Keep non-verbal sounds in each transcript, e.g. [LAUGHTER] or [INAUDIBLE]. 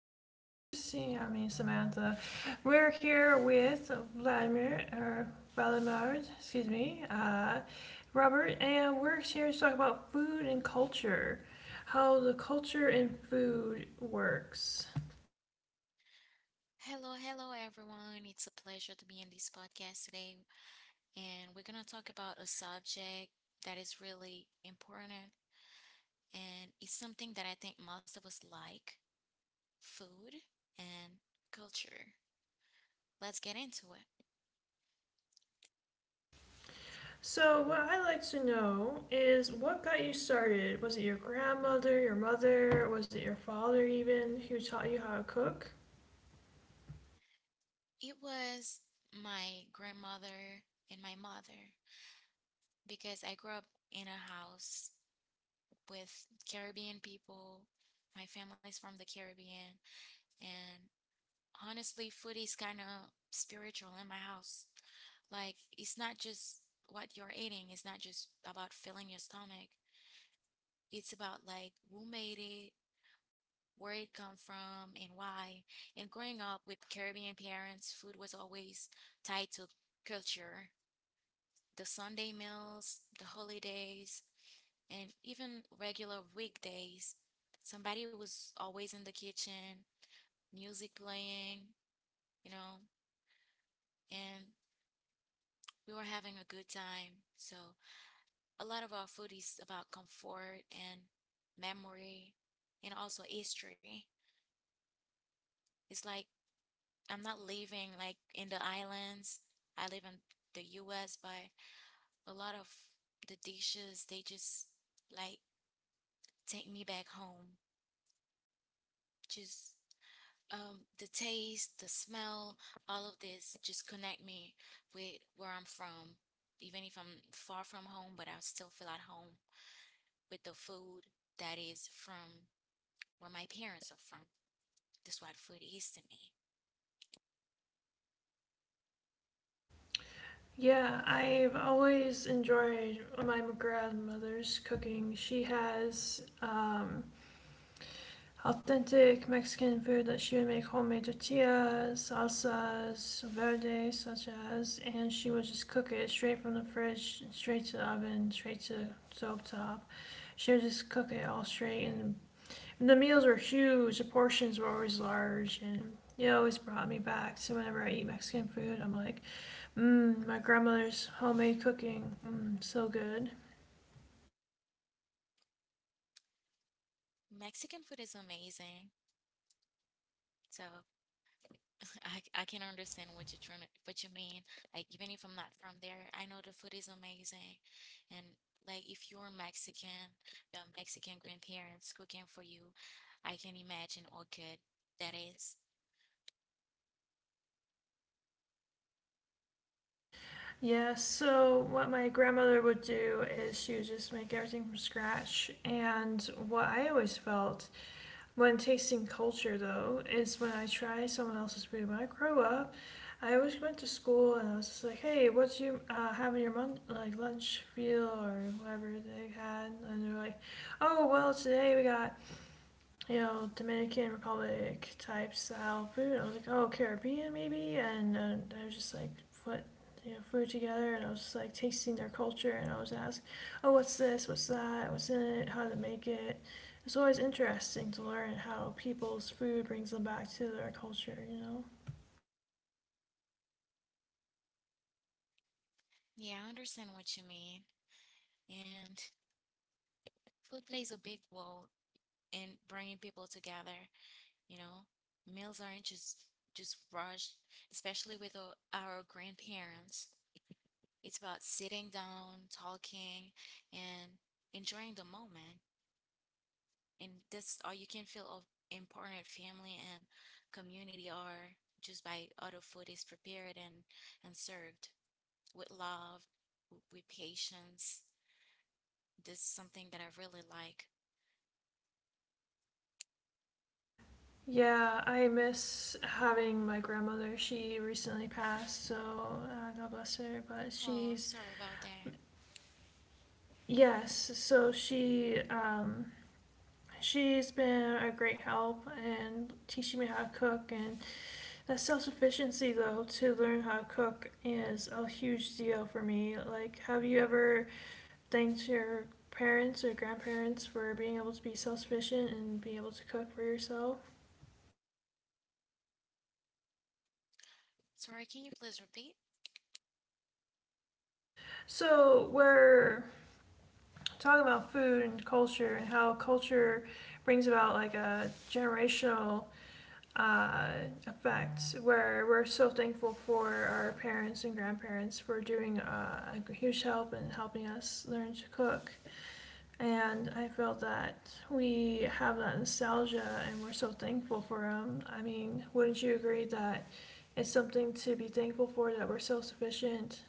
in. This is Christine, I mean Samantha. We're here with Vladimir, or Vladimir, excuse me, Robert, and we're here to talk about food and culture, how the culture and food works. Hello, hello everyone. It's a pleasure to be in this podcast today, and we're going to talk about a subject that is really important, and it's something that I think most of us like, food and culture. Let's get into it. So, what I'd like to know is what got you started? Was it your grandmother, your mother, was it your father even who taught you how to cook? It was my grandmother and my mother because I grew up in a house with Caribbean people. My family's from the Caribbean, and honestly, food is kind of spiritual in my house. Like, it's not just what you're eating, it's not just about filling your stomach. It's about like who made it, where it come from, and why. And growing up with Caribbean parents, food was always tied to culture. The Sunday meals, the holidays, and even regular weekdays. Somebody was always in the kitchen, music playing, you know, and we were having a good time. So a lot of our food is about comfort and memory and also history. It's like I'm not living like in the islands. I live in the US, but a lot of the dishes they just like take me back home. Just the taste, the smell, all of this just connect me with where I'm from. Even if I'm far from home, but I still feel at home with the food that is from where my parents are from. That's what food is to me. Yeah, I've always enjoyed my grandmother's cooking. She has authentic Mexican food that she would make homemade tortillas, salsas, verdes, such as, and she would just cook it straight from the fridge, straight to the oven, straight to stove top. She would just cook it all straight, and the meals were huge. The portions were always large, and it always brought me back. So whenever I eat Mexican food, I'm like, mmm, my grandmother's homemade cooking. Mmm, so good. Mexican food is amazing. So [LAUGHS] I can understand what you're trying to, what you mean. Like even if I'm not from there, I know the food is amazing. And like if you're Mexican, your Mexican grandparents cooking for you, I can imagine all good that is. Yeah, so what my grandmother would do is she would just make everything from scratch. And what I always felt when tasting culture, though, is when I try someone else's food. When I grow up, I always went to school and I was just like, hey, what do you have in your like lunch meal or whatever they had? And they're like, oh, well, today we got, you know, Dominican Republic type style food. I was like, oh, Caribbean maybe, and I was just like, put, you know, food together, and I was just like tasting their culture, and I was asked, oh, what's this? What's that? What's in it? How to make it? It's always interesting to learn how people's food brings them back to their culture, you know. Yeah, I understand what you mean. And food plays a big role in bringing people together. You know, meals aren't just rushed, especially with our grandparents. It's about sitting down, talking, and enjoying the moment. And that's all you can feel of important family and community are just by other food is prepared and served with love, with patience. This is something that I really like. Yeah, I miss having my grandmother. She recently passed, so God bless her. But Oh, I'm she's sorry about that. yes, so she she's been a great help and teaching me how to cook, and that self sufficiency though to learn how to cook is a huge deal for me. Like, have you ever thanked your parents or grandparents for being able to be self sufficient and be able to cook for yourself? Sorry, can you please repeat? So, where talking about food and culture and how culture brings about like a generational uh, effect where we're so thankful for our parents and grandparents for doing a huge help in helping us learn to cook. And I felt that we have that nostalgia and we're so thankful for them. I mean, wouldn't you agree that it's something to be thankful for that we're self sufficient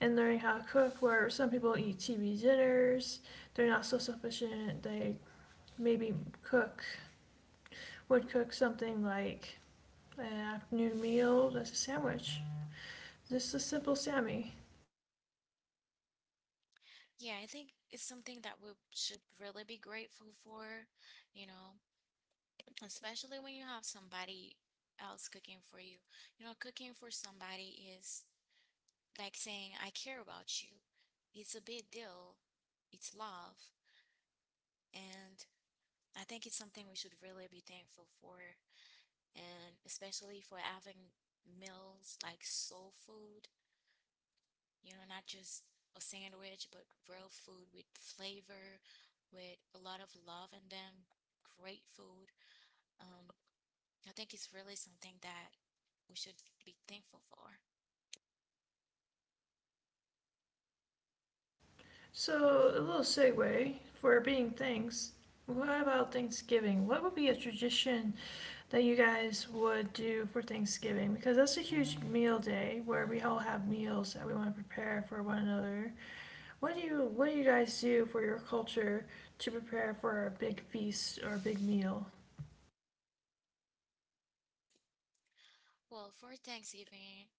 and learning how to cook where some people eat TV dinners. They're not so sufficient. They maybe cook, would cook something like an afternoon meal that's a sandwich. Just a simple Sammy. Yeah, I think it's something that we should really be grateful for, you know, especially when you have somebody else cooking for you. You know, cooking for somebody is like saying, I care about you. It's a big deal, it's love. And I think it's something we should really be thankful for. And especially for having meals like soul food, you know, not just a sandwich, but real food with flavor, with a lot of love in them, great food. Um, I think it's really something that we should be thankful for. So, a little segue for being thanks. What about Thanksgiving? What would be a tradition that you guys would do for Thanksgiving? Because that's a huge meal day where we all have meals that we want to prepare for one another. What do you guys do for your culture to prepare for a big feast or a big meal? Well, for Thanksgiving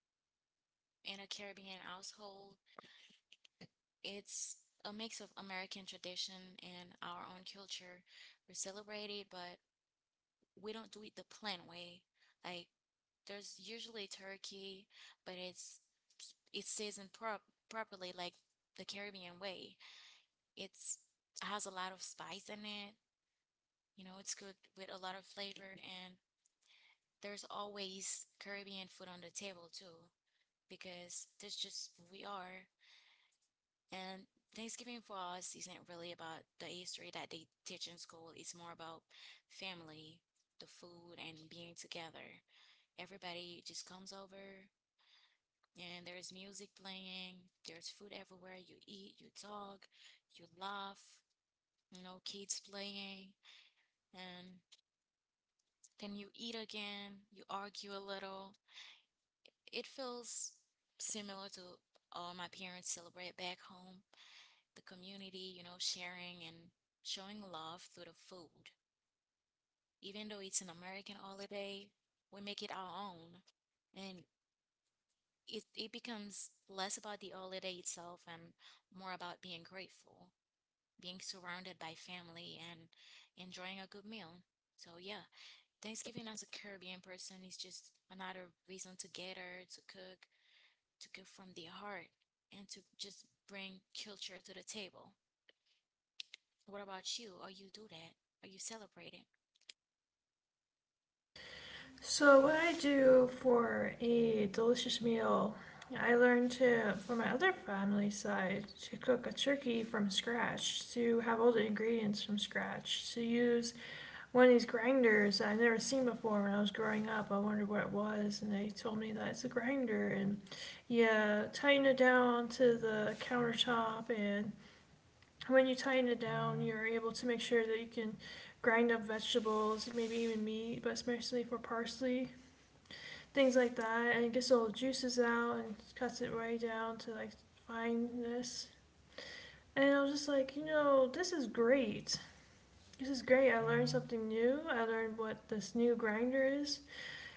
in a Caribbean household, it's a mix of American tradition and our own culture. We celebrate it, but we don't do it the planned way. Like, there's usually turkey, but it's seasoned properly like the Caribbean way. It's has a lot of spice in it. You know, it's cooked with a lot of flavor, and there's always Caribbean food on the table too because that's just who we are. And Thanksgiving for us isn't really about the history that they teach in school. It's more about family, the food, and being together. Everybody just comes over, and there's music playing, there's food everywhere. You eat, you talk, you laugh, you know, kids playing, and then you eat again, you argue a little. It feels similar to all my parents celebrate back home, the community, you know, sharing and showing love through the food. Even though it's an American holiday, we make it our own. And it becomes less about the holiday itself and more about being grateful, being surrounded by family and enjoying a good meal. So yeah, Thanksgiving as a Caribbean person is just another reason to gather, to cook from the heart, and to just bring culture to the table. What about you? Are you do that? Are you celebrating? So what I do for a delicious meal, I learned to from my other family side to cook a turkey from scratch, to have all the ingredients from scratch, to use one of these grinders that I'd never seen before when I was growing up. I wondered what it was, and they told me that it's a grinder, and you tighten it down to the countertop, and when you tighten it down, you're able to make sure that you can grind up vegetables, maybe even meat, but especially for parsley things like that, and it gets all the juices out and cuts it right down to like fineness. And I was just like, you know, this is great. I learned something new. I learned what this new grinder is,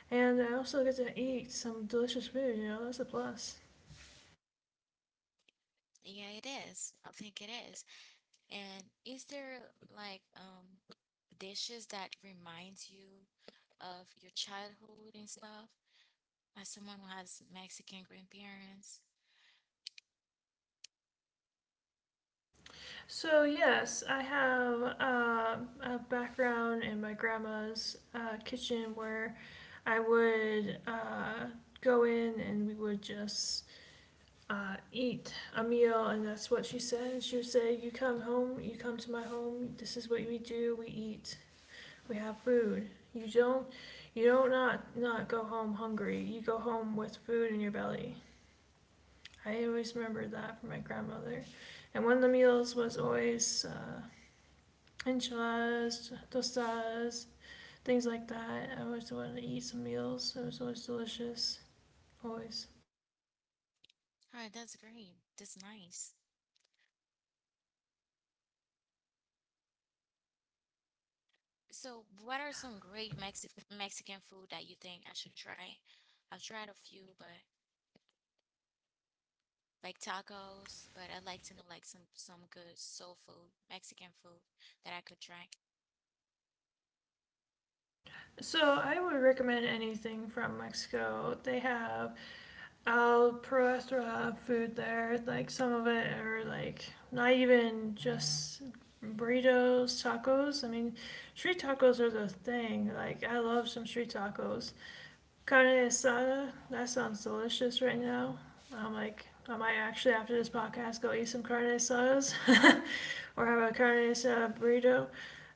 and I also get to eat some delicious food. You know, that's a plus. Yeah, it is. I think it is. And is there like dishes that reminds you of your childhood and stuff? As someone who has Mexican grandparents, So yes, I have a background in my grandma's kitchen where I would go in and we would just eat a meal, and that's what she said. She would say, "You come home, you come to my home. This is what we do. We eat. We have food. You don't, you don't not go home hungry. You go home with food in your belly." I always remember that from my grandmother, and one of the meals was always enchiladas, tostadas, things like that. I always wanted to eat some meals. It was always delicious, always. alright, that's great. That's nice. So, what are some great Mexican food that you think I should try? I've tried a few, but like tacos, but I'd like to know like some good soul food, Mexican food that I could try. So I would recommend anything from Mexico. They have I'll pro restaurant food there. Like some of it or like not even just burritos, tacos. I mean, street tacos are the thing. Like I love some street tacos. Carne asada. That sounds delicious right now. I'm like I might actually after this podcast go eat some carne asadas [LAUGHS] or have a carne asada burrito.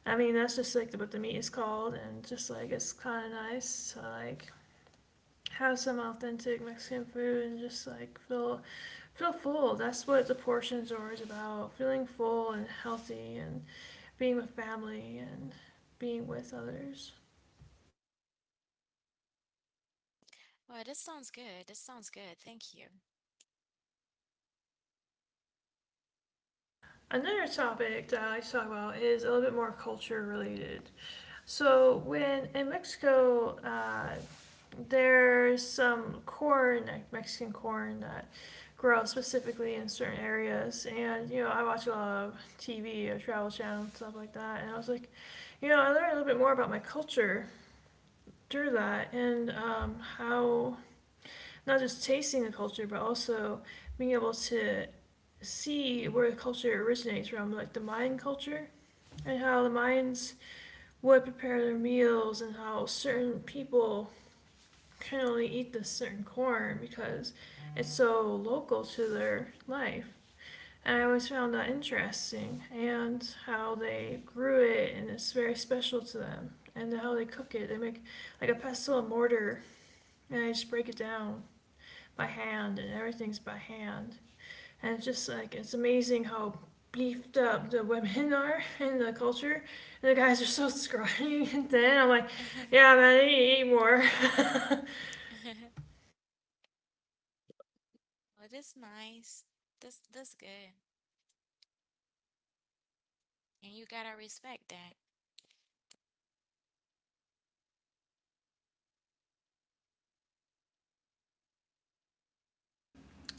I mean that's just like what the meat is called and just like it's kind of nice. Like have some authentic Mexican food and just like feel feel full. That's what the portions are always about: feeling full and healthy, and being with family and being with others. Oh, this sounds good. This sounds good. Thank you. Another topic that I like to talk about is a little bit more culture related. So when in Mexico, there's some corn, like Mexican corn that grows specifically in certain areas, and you know I watch a lot of TV, a travel channel, and stuff like that, and I was like, you know, I learned a little bit more about my culture through that, and how not just tasting the culture, but also being able to see where the culture originates from, like the Mayan culture, and how the Mayans would prepare their meals and how certain people can only eat this certain corn because it's so local to their life. And I always found that interesting and how they grew it and it's very special to them and how they cook it. They make like a pestle and mortar and they just break it down by hand and everything's by hand. And it's just like it's amazing how beefed up the women [LAUGHS] are in the culture, and the guys are so scrawny [LAUGHS] and thin. I'm like, [LAUGHS] yeah, man, they need to eat more. [LAUGHS] Oh, this nice. This good. And you gotta respect that.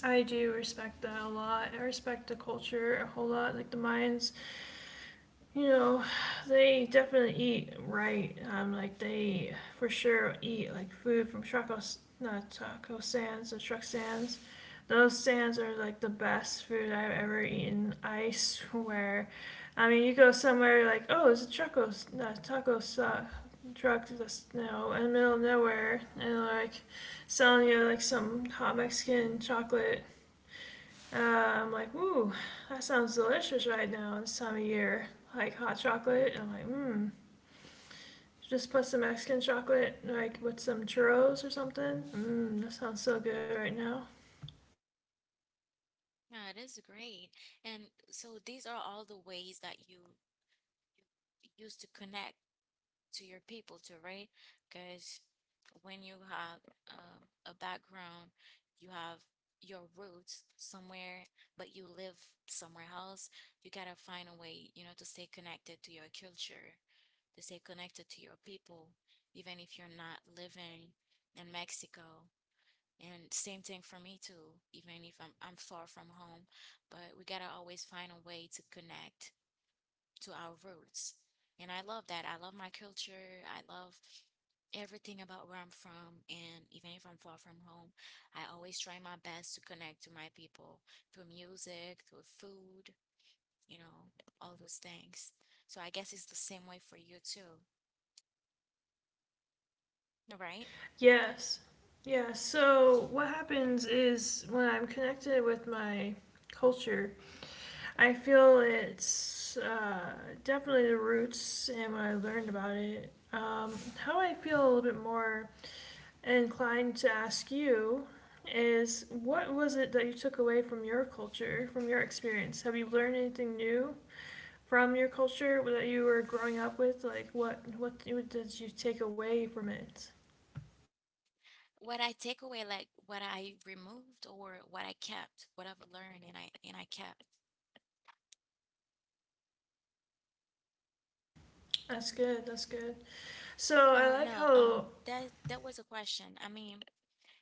I do respect that a lot. I respect the culture a whole lot, like the Mayans. You know, they definitely eat right. Like they for sure eat like food from Chaco, not taco Sands, the Truck stands. Those stands are like the best food I've ever eaten. I swear. I mean, you go somewhere like, oh, it's a Chaco, not Taco Sa- truck that's you know in the middle of nowhere and like selling you like some hot Mexican chocolate, I'm like, ooh, that sounds delicious right now this time of year. Like hot chocolate. And I'm like, mmm. Just put some Mexican chocolate, like with some churros or something. Mmm, that sounds so good right now. Yeah, this is great. And so these are all the ways that you used to connect to your people too, right? Because when you have a background, you have your roots somewhere, but you live somewhere else, you gotta find a way, you know, to stay connected to your culture, to stay connected to your people, even if you're not living in Mexico. And same thing for me too, even if I'm far from home, but we gotta always find a way to connect to our roots. And I love that. I love my culture. I love everything about where I'm from. And even if I'm far from home, I always try my best to connect to my people through music, through food, you know, all those things. So I guess it's the same way for you too, right? Yes. Yeah, so what happens is when I'm connected with my culture, I feel it's definitely the roots and what I learned about it. How I feel a little bit more inclined to ask you is what was it that you took away from your culture, from your experience? Have you learned anything new from your culture that you were growing up with? Like what did you take away from it? What I take away, like what I removed or what I kept, what I've learned and I kept. That's good. That's good. So I Uh, like no, how um, that that was a question. I mean,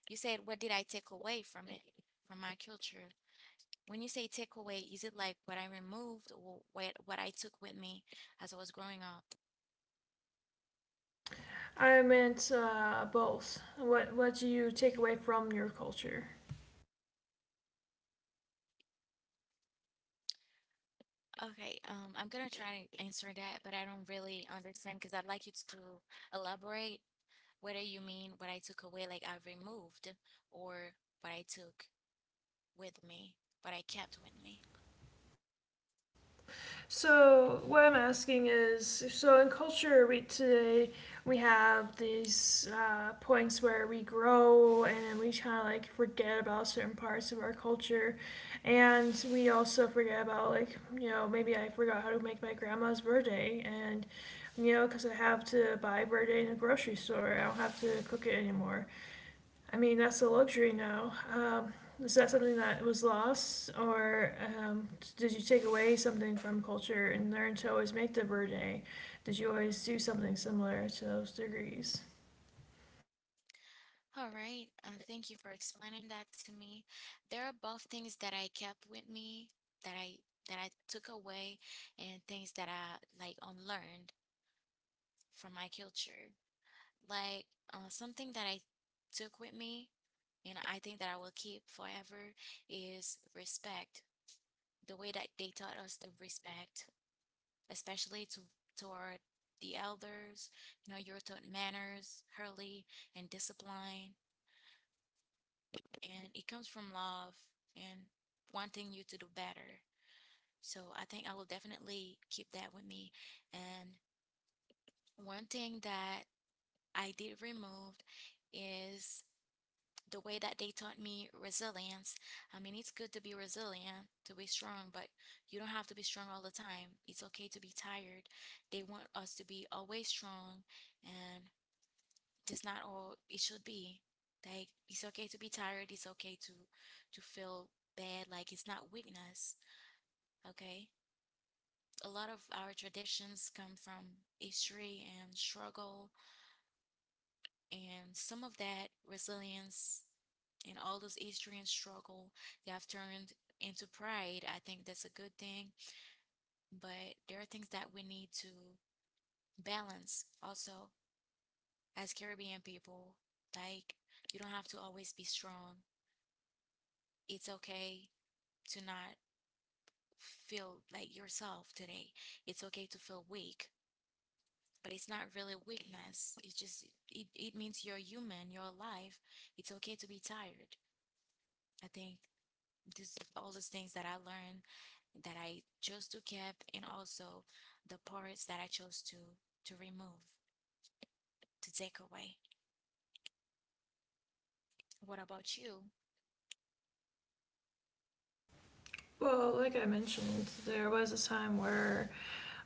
you said what did I take away from it, from my culture? When you say take away, is it like what I removed or what I took with me as I was growing up? I meant both. What do you take away from your culture? Okay, I'm gonna try to answer that, but I don't really understand because I'd like you to elaborate whether you mean what I took away, like I removed, or what I took with me, what I kept with me. So what I'm asking is, so in culture we today we have these points where we grow and then we kind of like forget about certain parts of our culture, and we also forget about like you know maybe I forgot how to make my grandma's birthday and you know because I have to buy birthday in a grocery store I don't have to cook it anymore. I mean, that's a luxury now. Is that something that was lost, or um, did you take away something from culture and learn to always make the verde? Did you always do something similar to those degrees? All right, thank you for explaining that to me. There are both things that I kept with me that I that I took away and things that I like unlearned from my culture. Like, something that I took with me, and I think that I will keep forever is respect. The way that they taught us to respect, especially to toward the elders, you know, you're taught manners, hurley, and discipline, and it comes from love and wanting you to do better. So I think I will definitely keep that with me. And one thing that I did remove is the way that they taught me resilience. I mean, it's good to be resilient, to be strong, but you don't have to be strong all the time. It's okay to be tired. They want us to be always strong, and that's not all it should be. Like, it's okay to be tired. It's okay to feel bad. Like, it's not weakness. Okay. A lot of our traditions come from history and struggle. And some of that resilience and all those Eastern struggle they have turned into pride. I think that's a good thing. But there are things that we need to balance also as Caribbean people. Like, you don't have to always be strong. It's okay to not feel like yourself today. It's okay to feel weak, but it's not really weakness. It's just, it means you're human, you're alive. It's okay to be tired. I think this all those things that I learned that I chose to keep and also the parts that I chose to remove to take away. What about you? Well, like I mentioned, there was a time where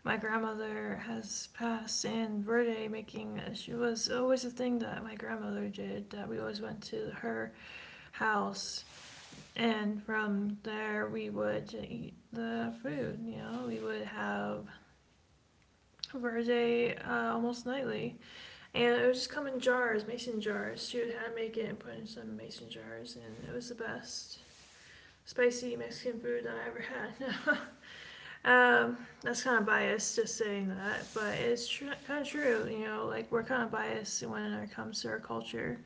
my grandmother has passed, and verde making she was always a thing that my grandmother did. That we always went to her house. And from there, we would eat the food. You know, we would have verde almost nightly, and it would just come in jars, mason jars. She would hand make it and put in some mason jars, and it was the best spicy Mexican food that I ever had. [LAUGHS] That's kind of biased, just saying that, but it's kind of true. You know, like we're kind of biased when it comes to our culture,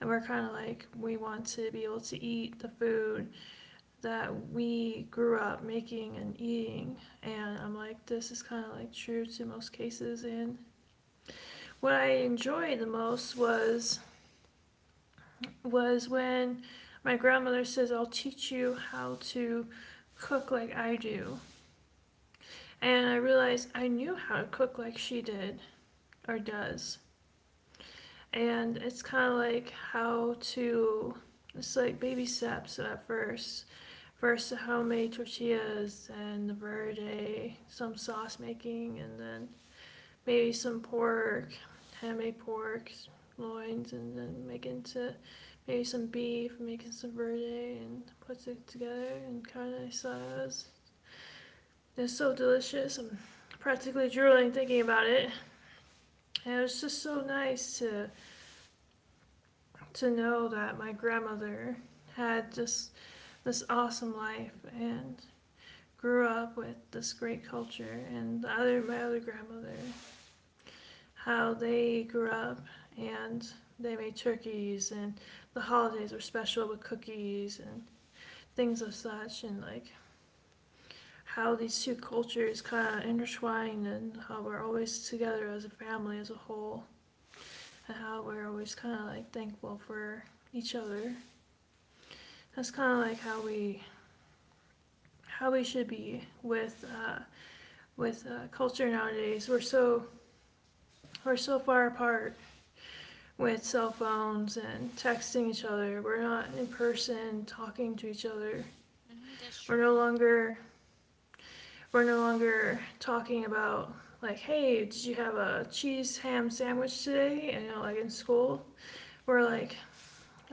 and we're kind of like we want to be able to eat the food that we grew up making and eating. And I'm like, this is kind of like true to most cases. And what I enjoyed the most was when my grandmother says, "I'll teach you how to cook like I do." And I realized I knew how to cook like she did or does. And it's kind of like how to, it's like baby steps at first, first the homemade tortillas and the verde, some sauce making, and then maybe some pork, handmade pork loins, and then make into maybe some beef, making some verde and puts it together and kind of sauce. It's so delicious, I'm practically drooling thinking about it. And it was just so nice to know that my grandmother had just this awesome life and grew up with this great culture. And the other, my other grandmother, how they grew up, and they made turkeys and the holidays were special with cookies and things of such. And like how these two cultures kind of intertwine, and how we're always together as a family as a whole, and how we're always kind of like thankful for each other. That's kind of like how we should be with culture nowadays. We're we're so far apart with cell phones and texting each other. We're not in person talking to each other. Hmm, that's We're no true. longer we're no longer talking about, like, hey, did you have a cheese ham sandwich today? And you know, like in school, we're like,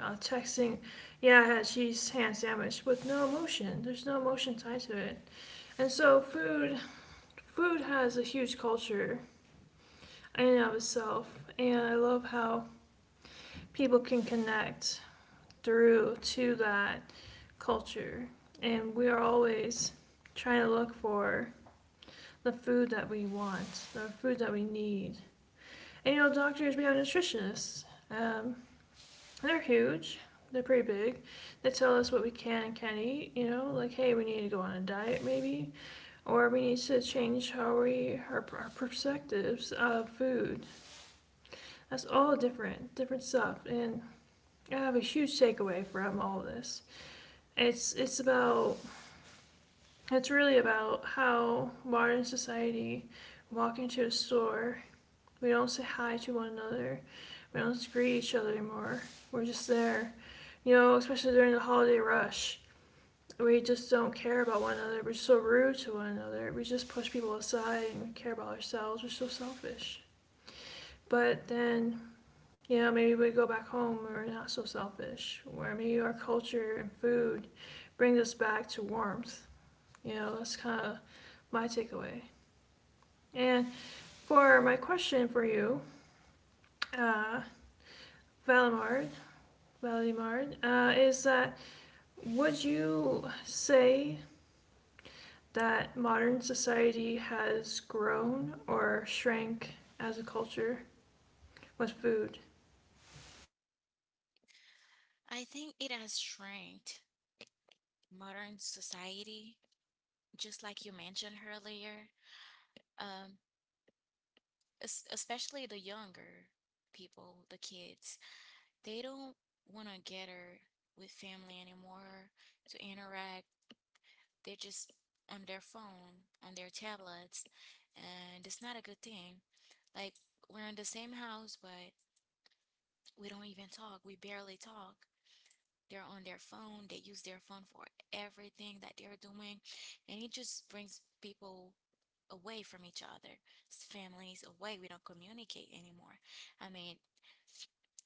texting, yeah, I had a cheese ham sandwich with no emotion. There's no emotion tied to it, and so food has a huge culture in and of itself. And I love how people can connect through to that culture. And we are always trying to look for the food that we want, the food that we need. And you know, doctors, we have nutritionists. Um, they're huge, they're pretty big. They tell us what we can and can't eat, you know, like, hey, we need to go on a diet maybe, or we need to change how we, our perspectives of food. That's all different stuff. And I have a huge takeaway from all of this. It's about, it's really about how modern society walk into a store, we don't say hi to one another, we don't greet each other anymore. We're just there. You know, especially during the holiday rush. We just don't care about one another. We're so rude to one another. We just push people aside and we care about ourselves. We're so selfish. But then, you know, maybe we go back home where we're not so selfish, where maybe our culture and food brings us back to warmth. You know, that's kind of my takeaway. And for my question for you, uh, Valimard, Valimard, is that, would you say that modern society has grown or shrank as a culture with food? I think it has shrinked modern society, just like you mentioned earlier. Um, Especially the younger people, the kids, they don't want to gather with family anymore to interact. They're just on their phone, on their tablets, and it's not a good thing. Like, we're in the same house, but we don't even talk. We barely talk. They're on their phone. They use their phone for everything that they're doing, and it just brings people away from each other, families away. We don't communicate anymore. I mean,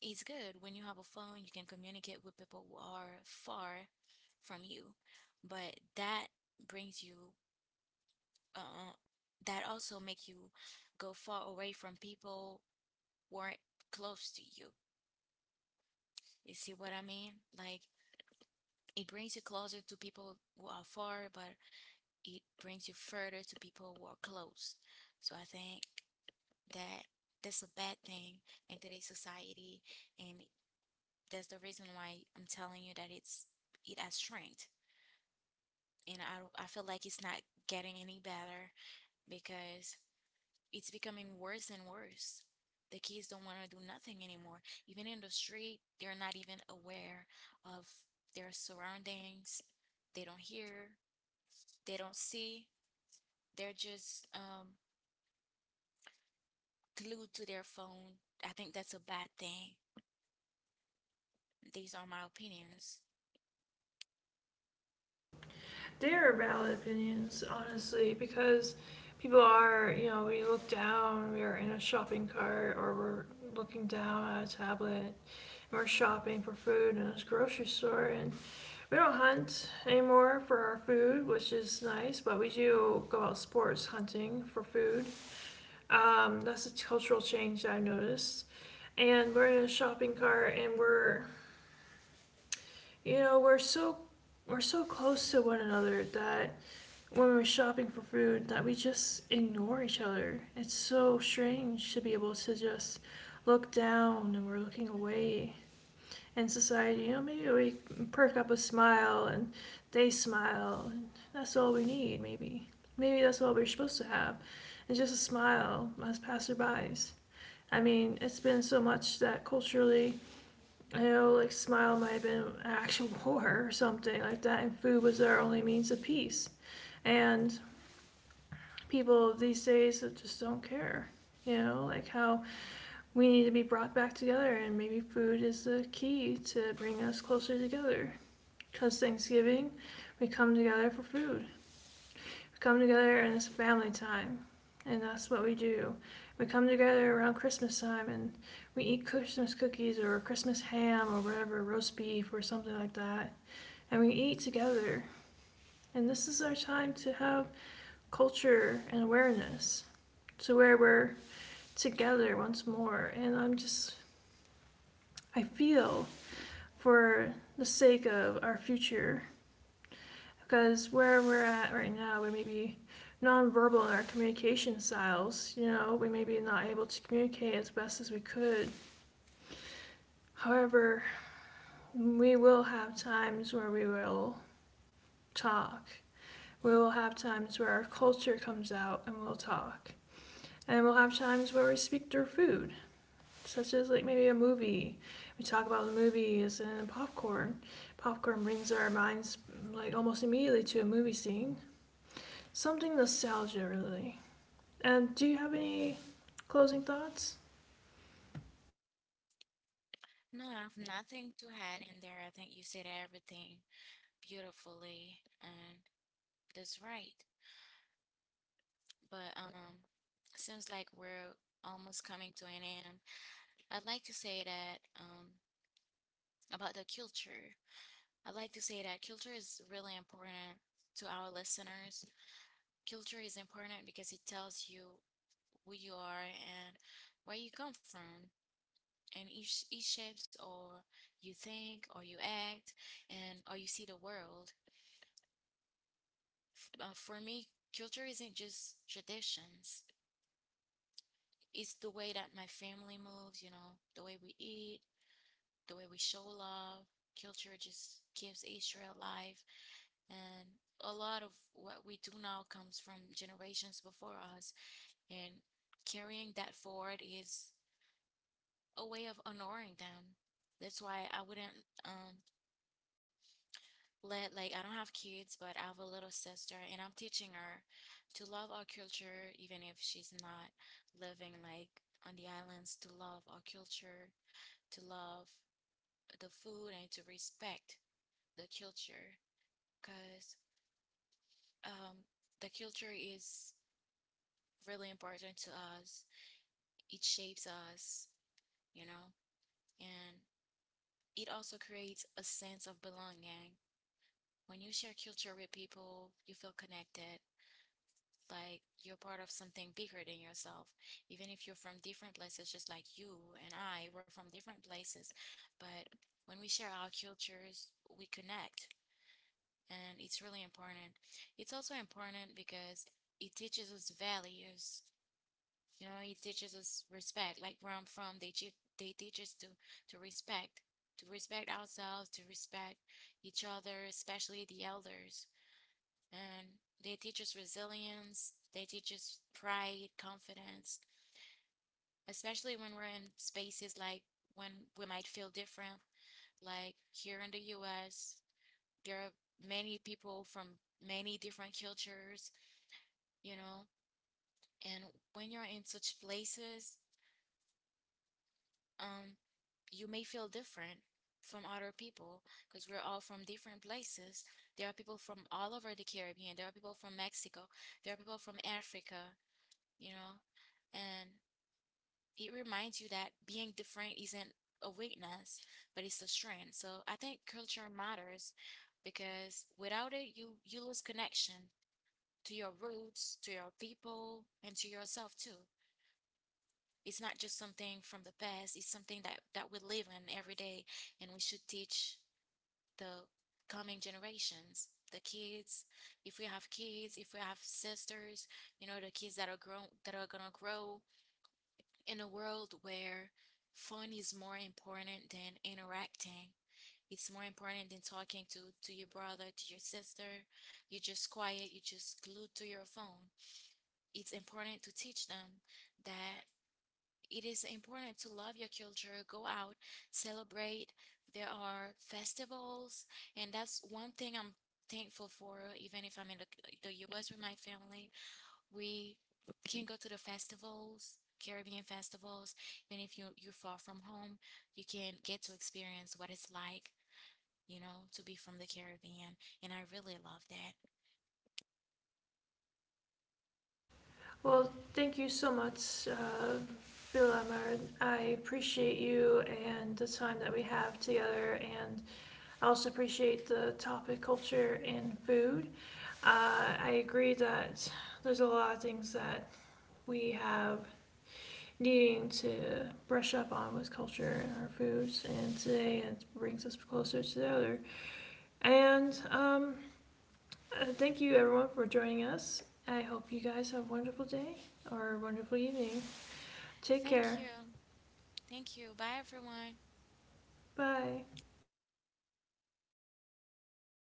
it's good when you have a phone, you can communicate with people who are far from you, but that brings you uh, that also make you go far away from people who aren't close to you. You see what I mean? Like it brings you closer to people who are far, but it brings you further to people who are close. So I think that that's a bad thing in today's society, and that's the reason why I'm telling you that it has shrinked, and I feel like it's not getting any better because it's becoming worse and worse. The kids don't want to do nothing anymore. Even in the street, they're not even aware of their surroundings. They don't hear, they don't see. They're just glued to their phone. I think that's a bad thing. These are my opinions. They're valid opinions, honestly, because people are, you know, we look down, we are in a shopping cart, or we're looking down at a tablet, and we're shopping for food in a grocery store, and we don't hunt anymore for our food, which is nice, but we do go out sports hunting for food. That's a cultural change that I've noticed. And we're in a shopping cart, and we're, you know, we're we're so close to one another that when we were shopping for food that we just ignore each other. It's so strange to be able to just look down and we're looking away. And society, you know, maybe we perk up a smile and they smile, and that's all we need, maybe. Maybe that's all we're supposed to have, is just a smile as passerbys. I mean, it's been so much that culturally, I know, like, smile might have been an actual [LAUGHS] war or something like that, and food was our only means of peace. And people these days that just don't care. You know, like how we need to be brought back together, and maybe food is the key to bring us closer together. Because Thanksgiving, we come together for food. We come together and it's family time, and that's what we do. We come together around Christmas time and we eat Christmas cookies or Christmas ham or whatever, roast beef or something like that. And we eat together. And this is our time to have culture and awareness. So where we're together once more. I feel for the sake of our future, because where we're at right now, we may be nonverbal in our communication styles. You know, we may be not able to communicate as best as we could. However, we will have times where we will talk. We will have times where our culture comes out and we'll talk. And we'll have times where we speak through food, such as like maybe a movie. We talk about the movies and popcorn. Popcorn brings our minds like almost immediately to a movie scene. Something nostalgia really. And do you have any closing thoughts? No, I have nothing to add in there. I think you said everything beautifully, and that's right. But seems like we're almost coming to an end. I'd like to say that about the culture. I'd like to say that culture is really important to our listeners. Culture is important because it tells you who you are and where you come from, and it shapes or you think or you act and or you see the world. For me, culture isn't just traditions. It's the way that my family moves, you know, the way we eat, the way we show love, culture just gives Israel life. And a lot of what we do now comes from generations before us. And carrying that forward is a way of honoring them. That's why I wouldn't let, like, I don't have kids, but I have a little sister, and I'm teaching her to love our culture, even if she's not living like on the islands, to love our culture, to love the food, and to respect the culture. Because um, the culture is really important to us. It shapes us, you know, and it also creates a sense of belonging. When you share culture with people, you feel connected, like you're part of something bigger than yourself. Even if you're from different places, just like you and I, we're from different places. But when we share our cultures, we connect, and it's really important. It's also important because it teaches us values. You know, it teaches us respect. Like where I'm from, they teach us to respect, to respect ourselves, to respect each other, especially the elders. And they teach us resilience. They teach us pride, confidence, especially when we're in spaces like when we might feel different. Like here in the U.S., there are many people from many different cultures, you know. And when you're in such places, um, you may feel different from other people because we're all from different places. There are people from all over the Caribbean. There are people from Mexico. There are people from Africa, you know, and it reminds you that being different isn't a weakness, but it's a strength. So I think culture matters because without it, you lose connection to your roots, to your people, and to yourself too. It's not just something from the past. It's something that we live in every day, and we should teach the coming generations, the kids, if we have kids, if we have sisters, you know, the kids that are grown that are gonna grow in a world where fun is more important than interacting, it's more important than talking to your brother, to your sister. You're just quiet, you're just glued to your phone. It's important to teach them that it is important to love your culture, go out, celebrate. There are festivals, and that's one thing I'm thankful for, even if I'm in the U.S. with my family. We can go to the festivals, Caribbean festivals, even if you're far from home, you can get to experience what it's like, you know, to be from the Caribbean. And I really love that. Well, thank you so much, Phil. I appreciate you and the time that we have together, and I also appreciate the topic culture and food. I agree that there's a lot of things that we have needing to brush up on with culture and our foods. And today it brings us closer to the other. And thank you everyone for joining us. I hope you guys have a wonderful day or a wonderful evening. Take Thank care. you. Thank you. Bye, everyone. Bye.